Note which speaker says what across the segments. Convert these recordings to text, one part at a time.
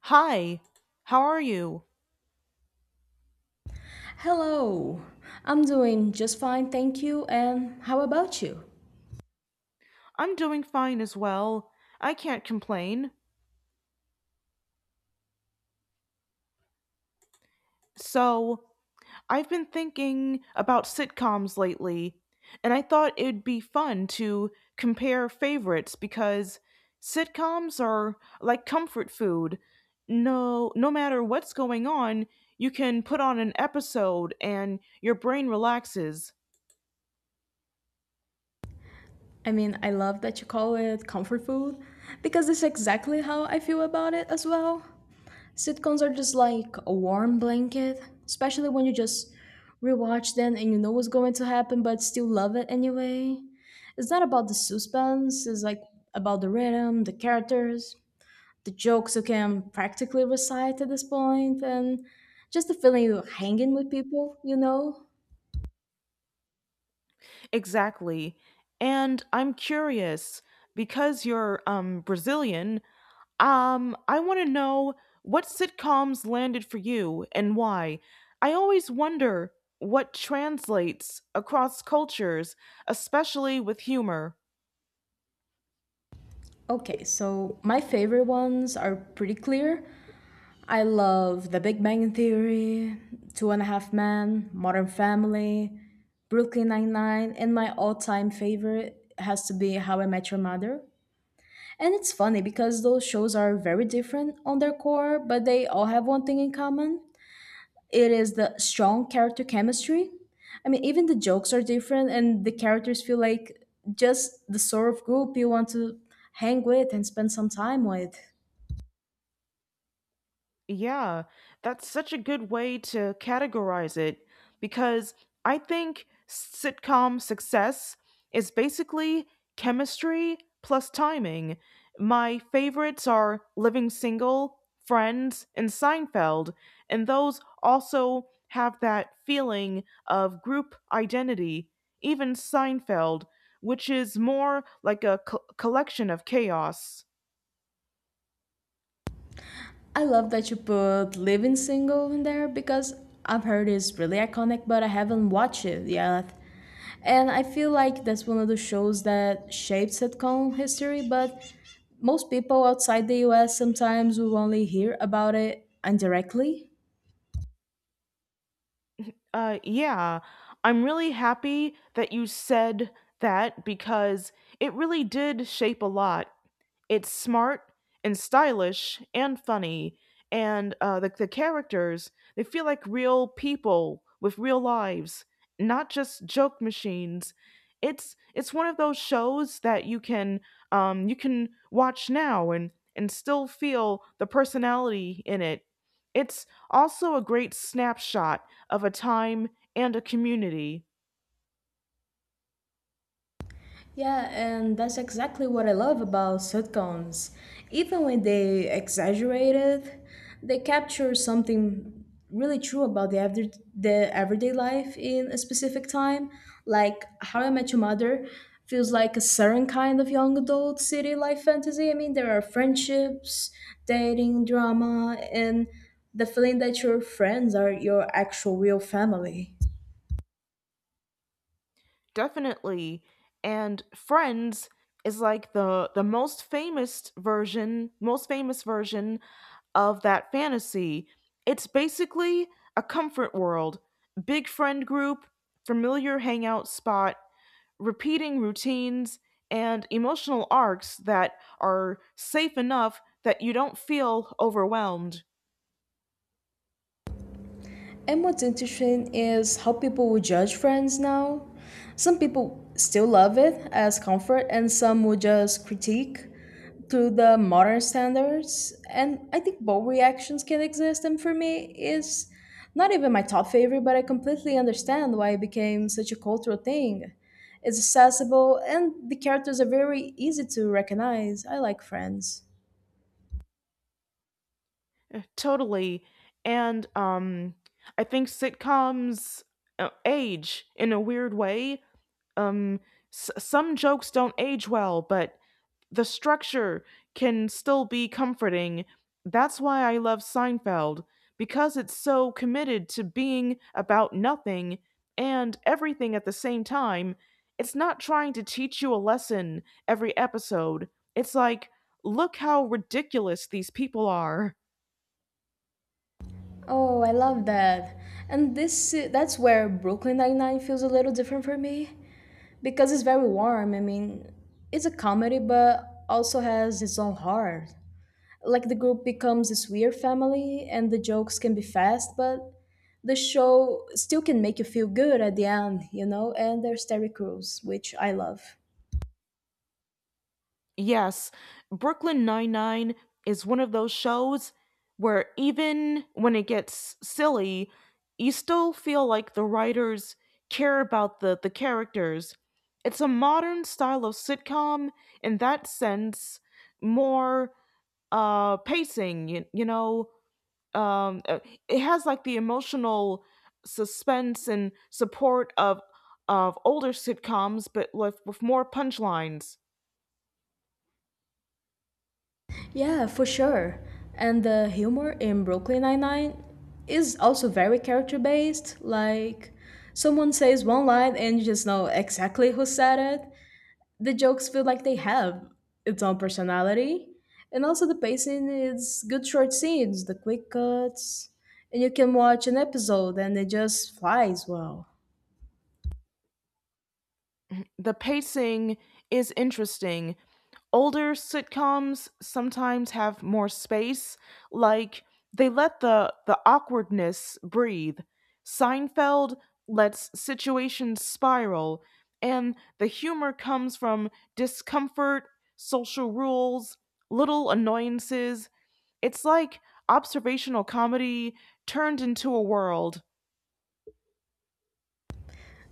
Speaker 1: Hi, how are you?
Speaker 2: Hello, I'm doing just fine, thank you. And how about you?
Speaker 1: I'm doing fine as well. I can't complain. So, I've been thinking about sitcoms lately, and I thought it'd be fun to compare favorites because sitcoms are like comfort food. No, no matter what's going on, you can put on an episode and your brain relaxes.
Speaker 2: I mean, I love that you call it comfort food because it's exactly how I feel about it as well. Sitcoms are just like a warm blanket, especially when you just rewatch them and you know what's going to happen but still love it anyway. It's not about the suspense, it's like about the rhythm, the characters, the jokes you can practically recite at this point, and just the feeling you're hanging with people, you know?
Speaker 1: Exactly. And I'm curious because you're Brazilian. I want to know what sitcoms landed for you and why. I always wonder what translates across cultures, especially with humor.
Speaker 2: Okay, so my favorite ones are pretty clear. I love The Big Bang Theory, Two and a Half Men, Modern Family, Brooklyn Nine-Nine, and my all-time favorite has to be How I Met Your Mother. And it's funny because those shows are very different on their core, but they all have one thing in common, it is the strong character chemistry. I mean, even the jokes are different, and the characters feel like just the sort of group you want to hang with and spend some time with.
Speaker 1: Yeah, that's such a good way to categorize it because I think sitcom success is basically chemistry plus timing. My favorites are Living Single, Friends, and Seinfeld, and those also have that feeling of group identity, even Seinfeld, which is more like a collection of chaos.
Speaker 2: I love that you put Living Single in there because I've heard it's really iconic, but I haven't watched it yet. And I feel like that's one of the shows that shaped sitcom history, but most people outside the US sometimes will only hear about it indirectly.
Speaker 1: Yeah. I'm really happy that you said that because it really did shape a lot. It's smart and stylish and funny, and the characters they feel like real people with real lives, not just joke machines. It's one of those shows that you can watch now and still feel the personality in it. It's also a great snapshot of a time and a community.
Speaker 2: Yeah, and that's exactly what I love about sitcoms. Even when they exaggerate it, they capture something really true about the everyday life in a specific time. Like How I Met Your Mother feels like a certain kind of young adult city life fantasy. I mean, there are friendships, dating, drama, and the feeling that your friends are your actual real family.
Speaker 1: Definitely. And Friends is like the most famous version of that fantasy. It's basically a comfort world. Big friend group, familiar hangout spot, repeating routines and emotional arcs that are safe enough that you don't feel overwhelmed.
Speaker 2: And what's interesting is how people will judge friends now. Some people still love it as comfort, and some will just critique through the modern standards. And I think both reactions can exist. And for me, it's not even my top favorite, but I completely understand why it became such a cultural thing. It's accessible, and the characters are very easy to recognize. I like friends.
Speaker 1: Totally. And I think sitcoms age in a weird way. um some jokes don't age well, but the structure can still be comforting. That's why I love Seinfeld, because it's so committed to being about nothing and everything at the same time. It's not trying to teach you a lesson every episode. It's like, look how ridiculous these people are.
Speaker 2: Oh, I love that. And this that's where Brooklyn Nine-Nine feels a little different for me because it's very warm. I mean, it's a comedy but also has its own heart. Like the group becomes this weird family and the jokes can be fast, but the show still can make you feel good at the end, you know, and there's Terry Crews, which I love.
Speaker 1: Yes, Brooklyn Nine-Nine is one of those shows where even when it gets silly, you still feel like the writers care about the characters. It's a modern style of sitcom in that sense, more pacing, you know. Um, uh, it has like the emotional suspense and support of older sitcoms, but with more punchlines.
Speaker 2: Yeah, for sure. And the humor in Brooklyn Nine-Nine is also very character-based. Like, someone says one line and you just know exactly who said it. The jokes feel like they have its own personality. And also the pacing is good short scenes, the quick cuts. And you can watch an episode and it just flies well.
Speaker 1: The pacing is interesting. Older sitcoms sometimes have more space, like they let the awkwardness breathe. Seinfeld lets situations spiral, and the humor comes from discomfort, social rules, little annoyances. It's like observational comedy turned into a world.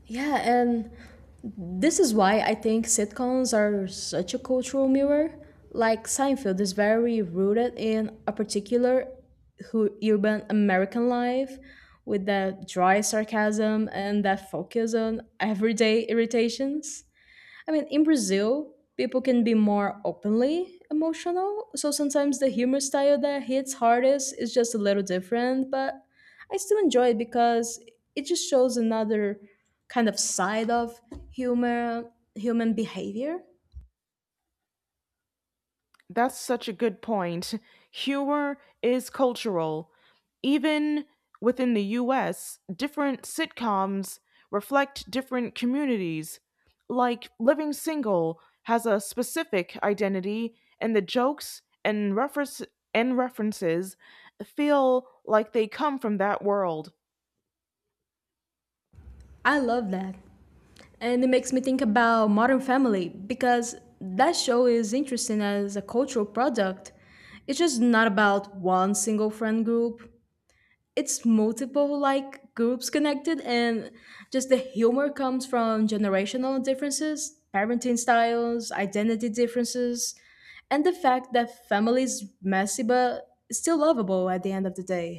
Speaker 2: Yeah, and this is why I think sitcoms are such a cultural mirror. Like Seinfeld is very rooted in a particular urban American life with that dry sarcasm and that focus on everyday irritations. I mean, in Brazil, people can be more openly emotional. So sometimes the humor style that hits hardest is just a little different, but I still enjoy it because it just shows another kind of side of humor, human behavior.
Speaker 1: That's such a good point. Humor is cultural. Even within the US, different sitcoms reflect different communities. Like Living Single has a specific identity, and the jokes and references feel like they come from that world.
Speaker 2: I love that. And it makes me think about Modern Family because that show is interesting as a cultural product. It's just not about one single friend group. It's multiple like groups connected, and just the humor comes from generational differences, parenting styles, identity differences, and the fact that family is messy but still lovable at the end of the day.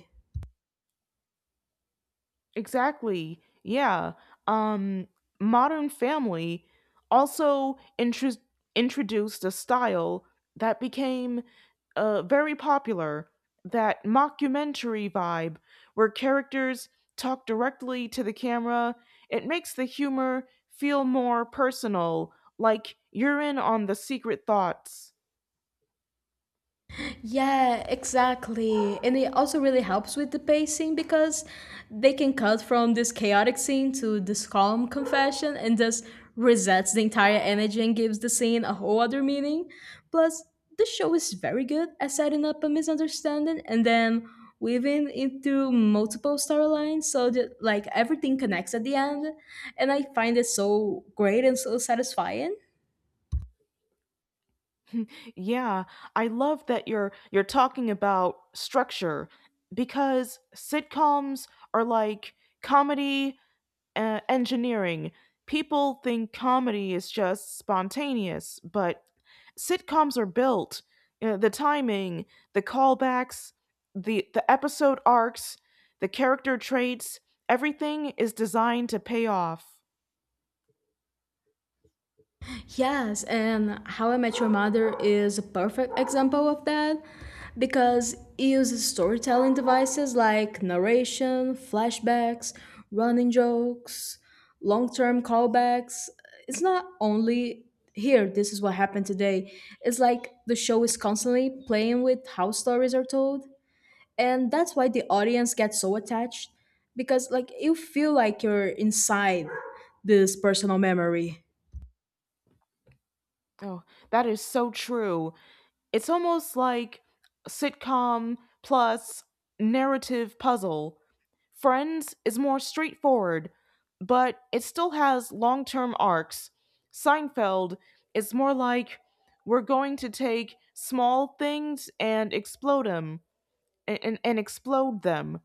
Speaker 1: Exactly. Yeah. Um Modern Family also introduced a style that became very popular, that mockumentary vibe where characters talk directly to the camera. It makes the humor feel more personal, like you're in on the secret thoughts.
Speaker 2: Yeah, exactly. And it also really helps with the pacing because they can cut from this chaotic scene to this calm confession and just resets the entire energy and gives the scene a whole other meaning. Plus, the show is very good at setting up a misunderstanding and then weaving into multiple storylines so that like everything connects at the end. And I find it so great and so satisfying.
Speaker 1: Yeah, I love that you're talking about structure because sitcoms are like comedy engineering. People think comedy is just spontaneous, but sitcoms are built. The timing, the callbacks, the episode arcs, the character traits, everything is designed to pay off.
Speaker 2: Yes, and How I Met Your Mother is a perfect example of that because it uses storytelling devices like narration, flashbacks, running jokes, long term callbacks. It's not only here, this is what happened today. It's like the show is constantly playing with how stories are told. And that's why the audience gets so attached because, like, you feel like you're inside this personal memory.
Speaker 1: Oh, that is so true. It's almost like a sitcom plus narrative puzzle. Friends is more straightforward, but it still has long term arcs. Seinfeld is more like, we're going to take small things and explode them and explode them.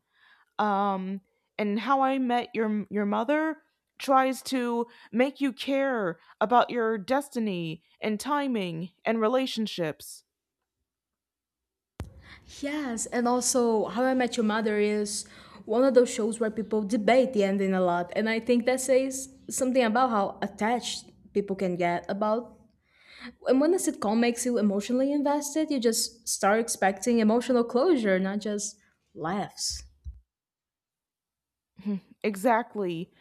Speaker 1: Um, and How I Met Your Mother tries to make you care about your destiny and timing and relationships.
Speaker 2: Yes, and also How I Met Your Mother is one of those shows where people debate the ending a lot, and I think that says something about how attached people can get about. And when a sitcom makes you emotionally invested, you just start expecting emotional closure, not just laughs.
Speaker 1: Exactly.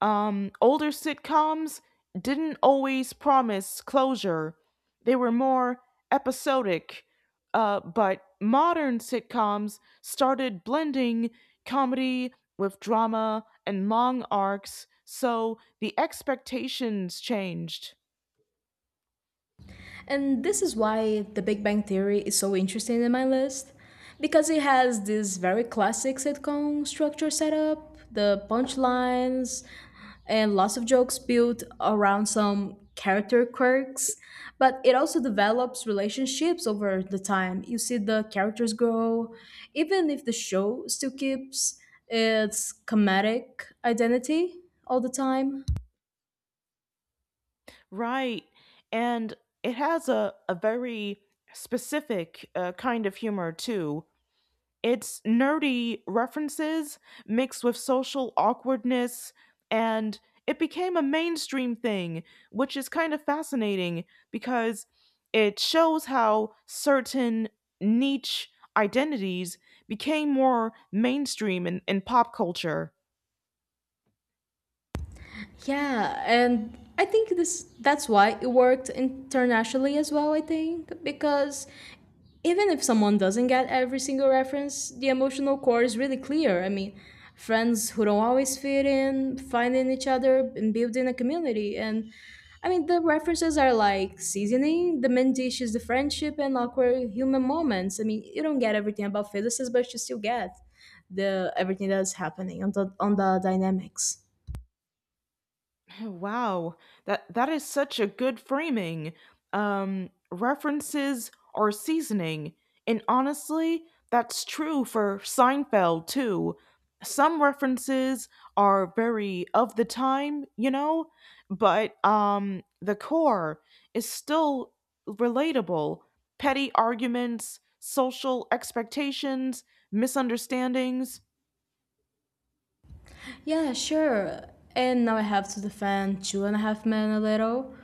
Speaker 1: Older sitcoms didn't always promise closure. They were more episodic. But modern sitcoms started blending comedy with drama and long arcs, so the expectations changed.
Speaker 2: And this is why The Big Bang Theory is so interesting in my list, because it has this very classic sitcom structure set up, the punchlines, and lots of jokes built around some character quirks, but it also develops relationships over the time. You see the characters grow even if the show still keeps its comedic identity all the time.
Speaker 1: Right. And it has a very specific kind of humor, too. It's nerdy references mixed with social awkwardness, and it became a mainstream thing, which is kind of fascinating because it shows how certain niche identities became more mainstream in, pop culture.
Speaker 2: Yeah, and I think this that's why it worked internationally as well. I think because even if someone doesn't get every single reference, the emotional core is really clear. I mean, friends who don't always fit in, finding each other and building a community. And I mean, the references are like seasoning, the main dish is the friendship and awkward human moments. I mean, you don't get everything about Phyllis's, but you still get the everything that's happening on the dynamics.
Speaker 1: Wow, that is such a good framing. References are seasoning, and honestly, that's true for Seinfeld too. Some references are very of the time, you know, but the core is still relatable. Petty arguments, social expectations, misunderstandings.
Speaker 2: Yeah, sure. And now I have to defend Two and a Half Men a little,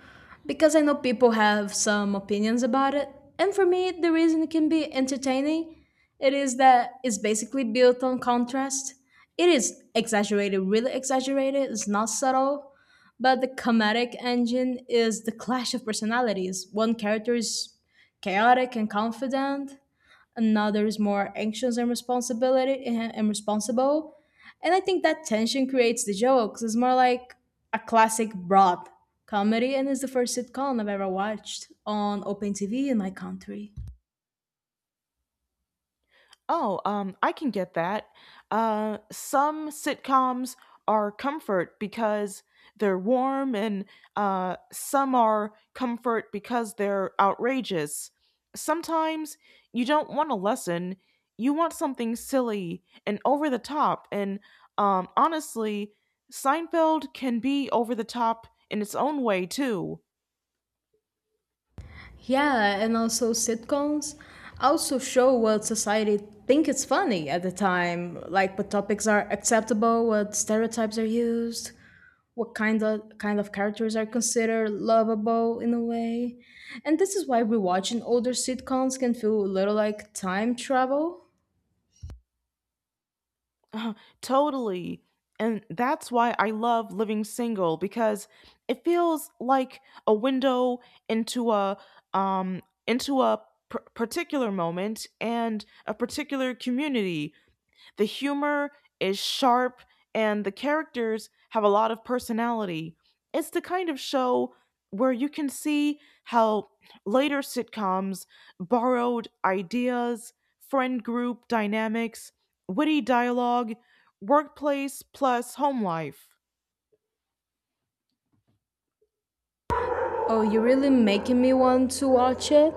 Speaker 2: because I know people have some opinions about it. And for me, the reason it can be entertaining, it is that it's basically built on contrast. It is exaggerated, really exaggerated. It's not subtle, but the comedic engine is the clash of personalities. One character is chaotic and confident, another is more anxious and responsibility and responsible. And I think that tension creates the jokes. It's more like a classic Broad comedy and it's the first sitcom I've ever watched on open TV in my country.
Speaker 1: Oh, I can get that. Some sitcoms are comfort because they're warm, and some are comfort because they're outrageous. Sometimes you don't want a lesson, you want something silly and over the top. And honestly, Seinfeld can be over the top in its own way, too.
Speaker 2: Yeah, and also sitcoms also show what society think it's funny at the time, like what topics are acceptable, what stereotypes are used. What kind of characters are considered lovable in a way. And this is why rewatching older sitcoms can feel a little like time travel.
Speaker 1: Totally. And that's why I love Living Single, because it feels like a window into a um into a particular moment and a particular community. The humor is sharp and the characters have a lot of personality. It's the kind of show where you can see how later sitcoms borrowed ideas, friend group dynamics, witty dialogue, workplace plus home life.
Speaker 2: Oh, you're really making me want to watch it.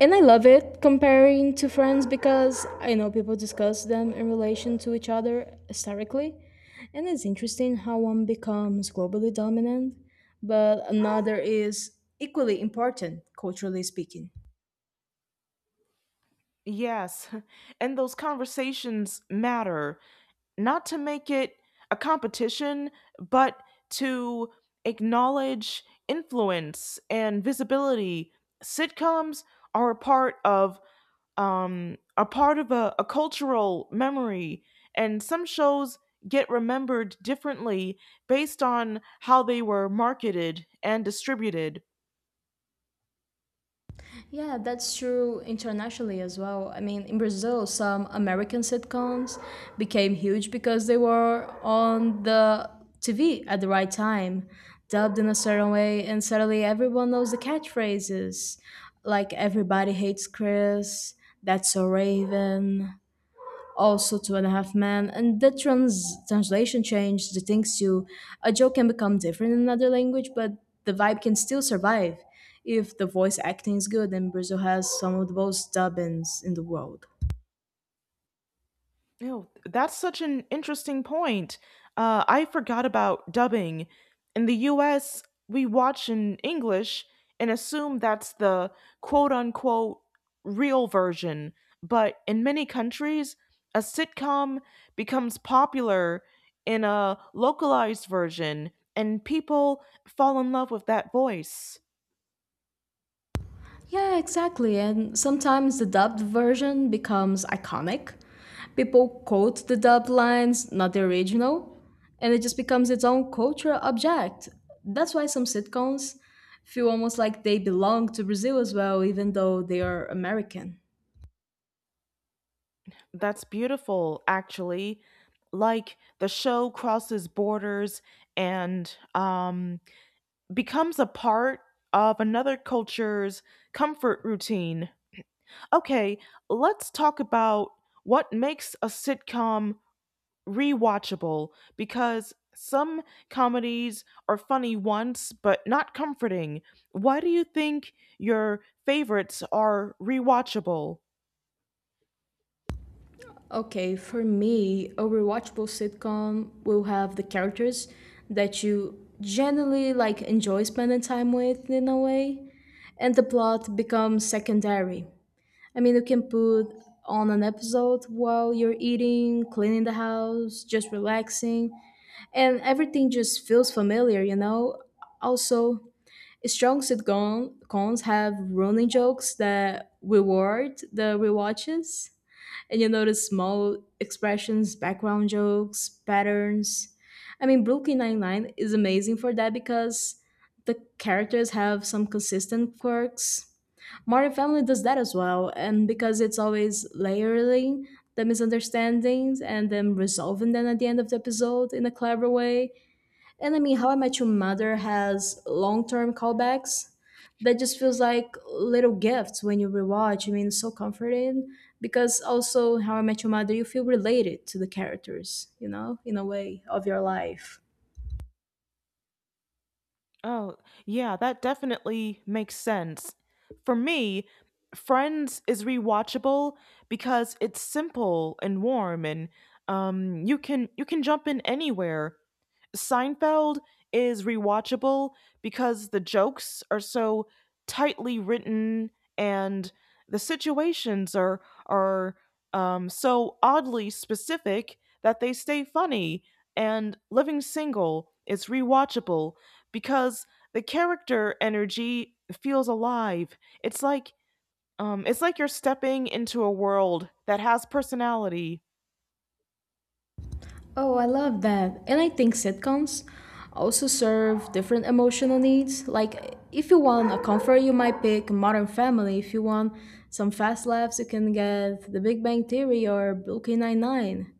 Speaker 2: And I love it comparing to Friends because I know people discuss them in relation to each other historically. And it's interesting how one becomes globally dominant, but another is equally important, culturally speaking.
Speaker 1: Yes, and those conversations matter. Not to make it a competition, but to acknowledge influence and visibility. Sitcoms are a part of a cultural memory, and some shows get remembered differently based on how they were marketed and distributed.
Speaker 2: Yeah, that's true internationally as well. I mean, in Brazil, some American sitcoms became huge because they were on the TV at the right time, dubbed in a certain way, and suddenly everyone knows the catchphrases like Everybody Hates Chris, That's So Raven, also Two and a Half Men, and the translation changed the things to a joke can become different in another language, but the vibe can still survive if the voice acting is good. And Brazil has some of the most dubbins in the world.
Speaker 1: No, that's such an interesting point. I forgot about dubbing. In the US, we watch in English and assume that's the quote unquote real version. But in many countries, a sitcom becomes popular in a localized version, and people fall in love with that voice.
Speaker 2: Yeah, exactly. And sometimes the dubbed version becomes iconic. People quote the dubbed lines, not the original, and it just becomes its own cultural object. That's why some sitcoms feel almost like they belong to Brazil as well, even though they are American.
Speaker 1: That's beautiful, actually. Like the show crosses borders and becomes a part of another culture's comfort routine. Okay, let's talk about what makes a sitcom rewatchable, because some comedies are funny once but not comforting. Why do you think your favorites are rewatchable?
Speaker 2: Okay, for me, a rewatchable sitcom will have the characters that you generally like enjoy spending time with in a way, and the plot becomes secondary. I mean, you can put on an episode while you're eating, cleaning the house, just relaxing, and everything just feels familiar, you know? Also, strong sitcoms have running jokes that reward the rewatches, and you notice small expressions, background jokes, patterns. I mean, Brooklyn Nine-Nine is amazing for that because the characters have some consistent quirks, Modern Family does that as well, and because it's always layering the misunderstandings and then resolving them at the end of the episode in a clever way. And I mean, How I Met Your Mother has long term callbacks that just feels like little gifts when you rewatch. I mean, it's so comforting because also in How I Met Your Mother, you feel related to the characters, you know, in a way of your life.
Speaker 1: Oh, yeah, that definitely makes sense. For me, Friends is rewatchable because it's simple and warm and you can jump in anywhere. Seinfeld is rewatchable because the jokes are so tightly written and the situations are are so oddly specific that they stay funny. And Living Single is rewatchable because the character energy feels alive. It's like it's like you're stepping into a world that has personality.
Speaker 2: Oh, I love that. And I think sitcoms also serve different emotional needs. Like, if you want a comfort, you might pick Modern Family. If you want some fast laughs, you can get The Big Bang Theory or Brooklyn Nine-Nine.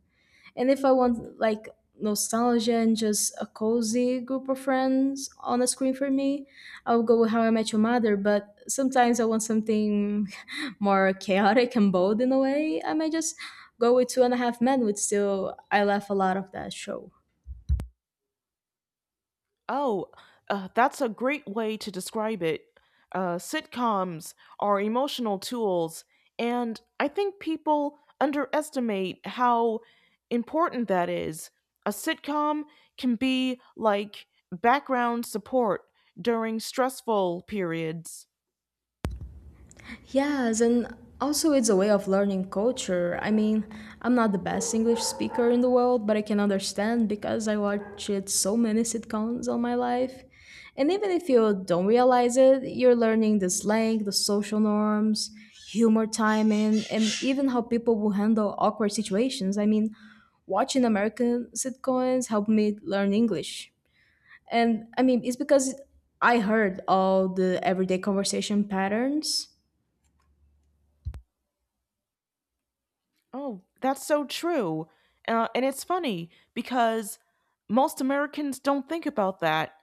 Speaker 2: And if I want like nostalgia and just a cozy group of friends on a screen for me, I'll go with How I Met Your Mother. But sometimes I want something more chaotic and bold in a way. I might just go with Two and a Half Men, which still I laugh a lot of that show.
Speaker 1: Oh, that's a great way to describe it. Sitcoms are emotional tools, and I think people underestimate how important that is. A sitcom can be like background support during stressful periods.
Speaker 2: Yes, and also it's a way of learning culture. I'm not the best English speaker in the world, but I can understand because I watched so many sitcoms all my life. And even if you don't realize it, you're learning the slang, the social norms, humor timing, and even how people will handle awkward situations. Watching American sitcoms helped me learn English. And I mean, it's because I heard all the everyday conversation patterns.
Speaker 1: Oh, that's so true. And it's funny because most Americans don't think about that.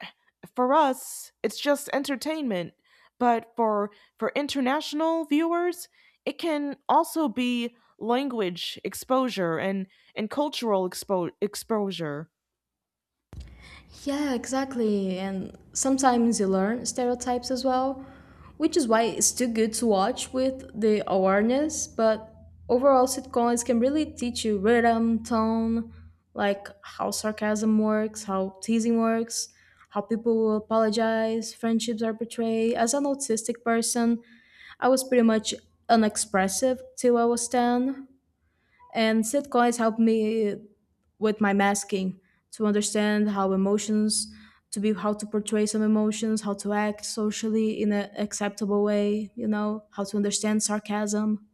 Speaker 1: For us, it's just entertainment, but for international viewers, it can also be language exposure and cultural exposure.
Speaker 2: Yeah, exactly. And sometimes you learn stereotypes as well, which is why it's too good to watch with the awareness. But overall, sitcoms can really teach you rhythm, tone, like how sarcasm works, how teasing works, how people will apologize, friendships are portrayed. As an autistic person, I was pretty much unexpressive till I was 10. And sitcoms help me with my masking to understand how to portray some emotions, how to act socially in an acceptable way, you know, how to understand sarcasm.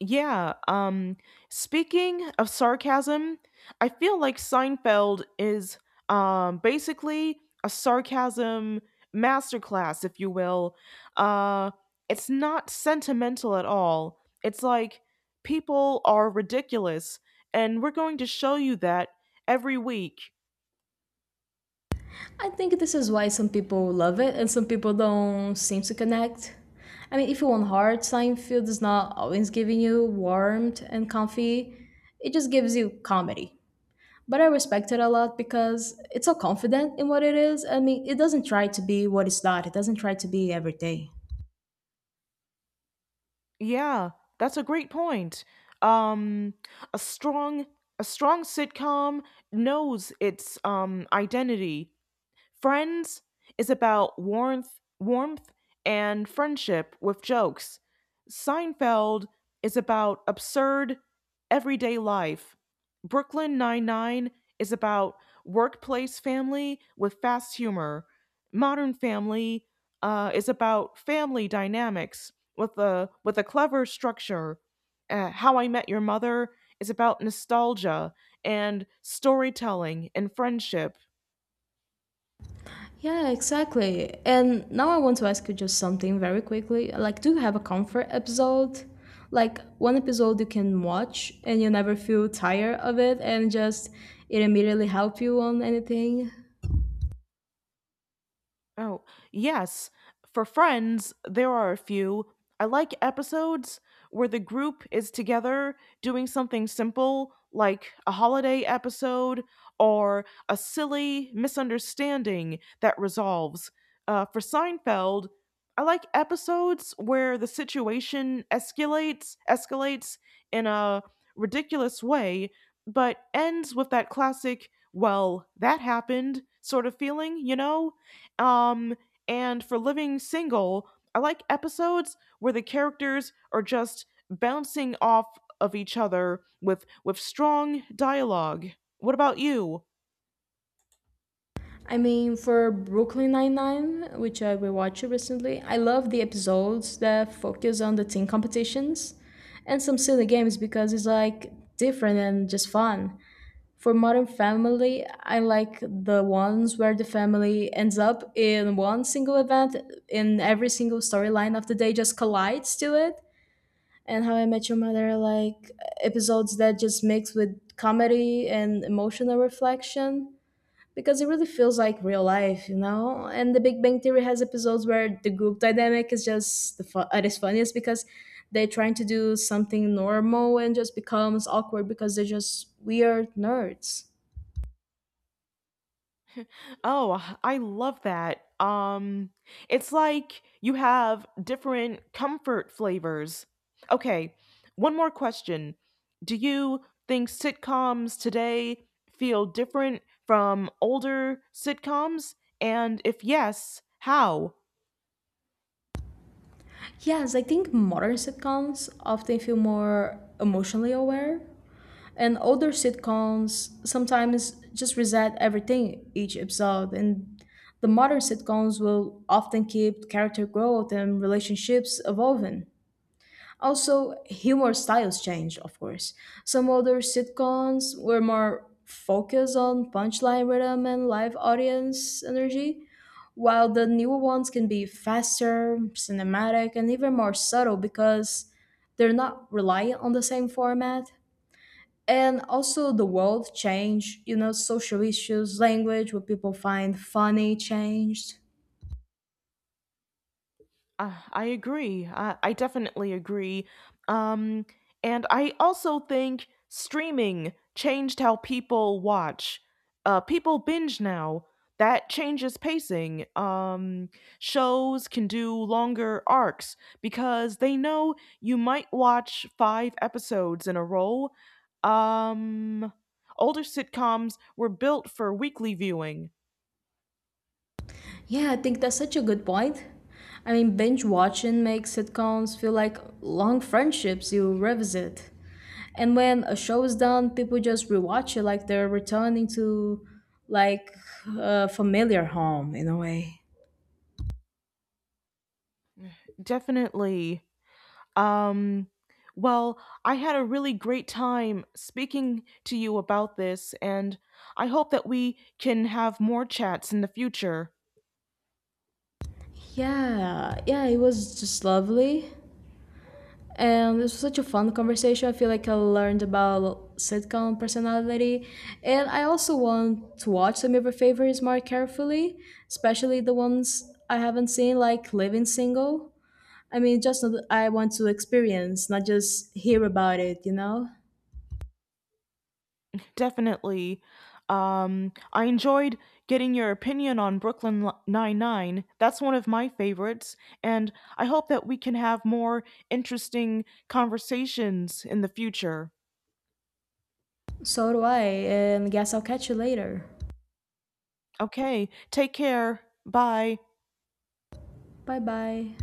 Speaker 1: Yeah, speaking of sarcasm, I feel like Seinfeld is basically a sarcasm masterclass, if you will. Uh it's not sentimental at all. It's like people are ridiculous and we're going to show you that every week.
Speaker 2: I think this is why some people love it and some people don't seem to connect. I mean, if you want hard, Seinfeld is not always giving you warmth and comfy. It just gives you comedy. But I respect it a lot because it's so confident in what it is. I mean, it doesn't try to be what it's not, it doesn't try to be every day.
Speaker 1: Yeah, that's a great point. Um a strong a strong sitcom knows its identity. Friends is about warmth and friendship with jokes. Seinfeld is about absurd everyday life. Brooklyn Nine-Nine is about workplace family with fast humor. Modern Family is about family dynamics with a clever structure. How I Met Your Mother is about nostalgia and storytelling and friendship.
Speaker 2: Yeah, exactly. And now I want to ask you just something very quickly. Like, do you have a comfort episode? Like, one episode you can watch and you never feel tired of it and just it immediately help you on anything?
Speaker 1: Oh, yes. For Friends, there are a few. I like episodes where the group is together doing something simple, like a holiday episode or a silly misunderstanding that resolves. For Seinfeld, I like episodes where the situation escalates in a ridiculous way, but ends with that classic, well, that happened sort of feeling, you know? Um, and for Living Single, I like episodes where the characters are just bouncing off of each other with strong dialogue. What about you?
Speaker 2: I mean, for Brooklyn Nine-Nine, which I rewatched recently, I love the episodes that focus on the teen competitions and some silly games because it's like different and just fun. For Modern Family, I like the ones where the family ends up in one single event, in every single storyline of the day just collides to it. And How I Met Your Mother, like episodes that just mix with comedy and emotional reflection because it really feels like real life, you know? And the Big Bang Theory has episodes where the group dynamic is just the it is funniest because they're trying to do something normal and just becomes awkward because they're just weird nerds.
Speaker 1: Oh, I love that. It's like you have different comfort flavors. Okay, one more question. Do you think sitcoms today feel different from older sitcoms? And if yes, how?
Speaker 2: Yes, I think modern sitcoms often feel more emotionally aware, and older sitcoms sometimes just reset everything each episode. And the modern sitcoms will often keep character growth and relationships evolving. Also, humor styles changed, of course. Some older sitcoms were more focused on punchline rhythm and live audience energy, while the newer ones can be faster, cinematic, and even more subtle because they're not reliant on the same format. And also, the world changed, you know, social issues, language, what people find funny changed.
Speaker 1: I agree. I definitely agree. Um, and I also think streaming changed how people watch. People binge now. That changes pacing. Shows can do longer arcs because they know you might watch five episodes in a row. Um, older sitcoms were built for weekly viewing.
Speaker 2: Yeah, I think that's such a good point. I mean, binge watching makes sitcoms feel like long friendships you revisit. And when a show is done, people just rewatch it they're returning to like a familiar home in a way.
Speaker 1: Definitely. Um, well, I had a really great time speaking to you about this, and I hope that we can have more chats in the future.
Speaker 2: Yeah, yeah, it was just lovely. And this was such a fun conversation. I feel like I learned about sitcom personality. And I also want to watch some of your favorites more carefully, especially the ones I haven't seen, like Living Single. I mean, just so I want to experience, not just hear about it, you know?
Speaker 1: Definitely. I enjoyed getting your opinion on Brooklyn Nine Nine. That's one of my favorites, and I hope that we can have more interesting conversations in the future.
Speaker 2: So do I. And guess I'll catch you later.
Speaker 1: Okay, take care. Bye.
Speaker 2: Bye bye.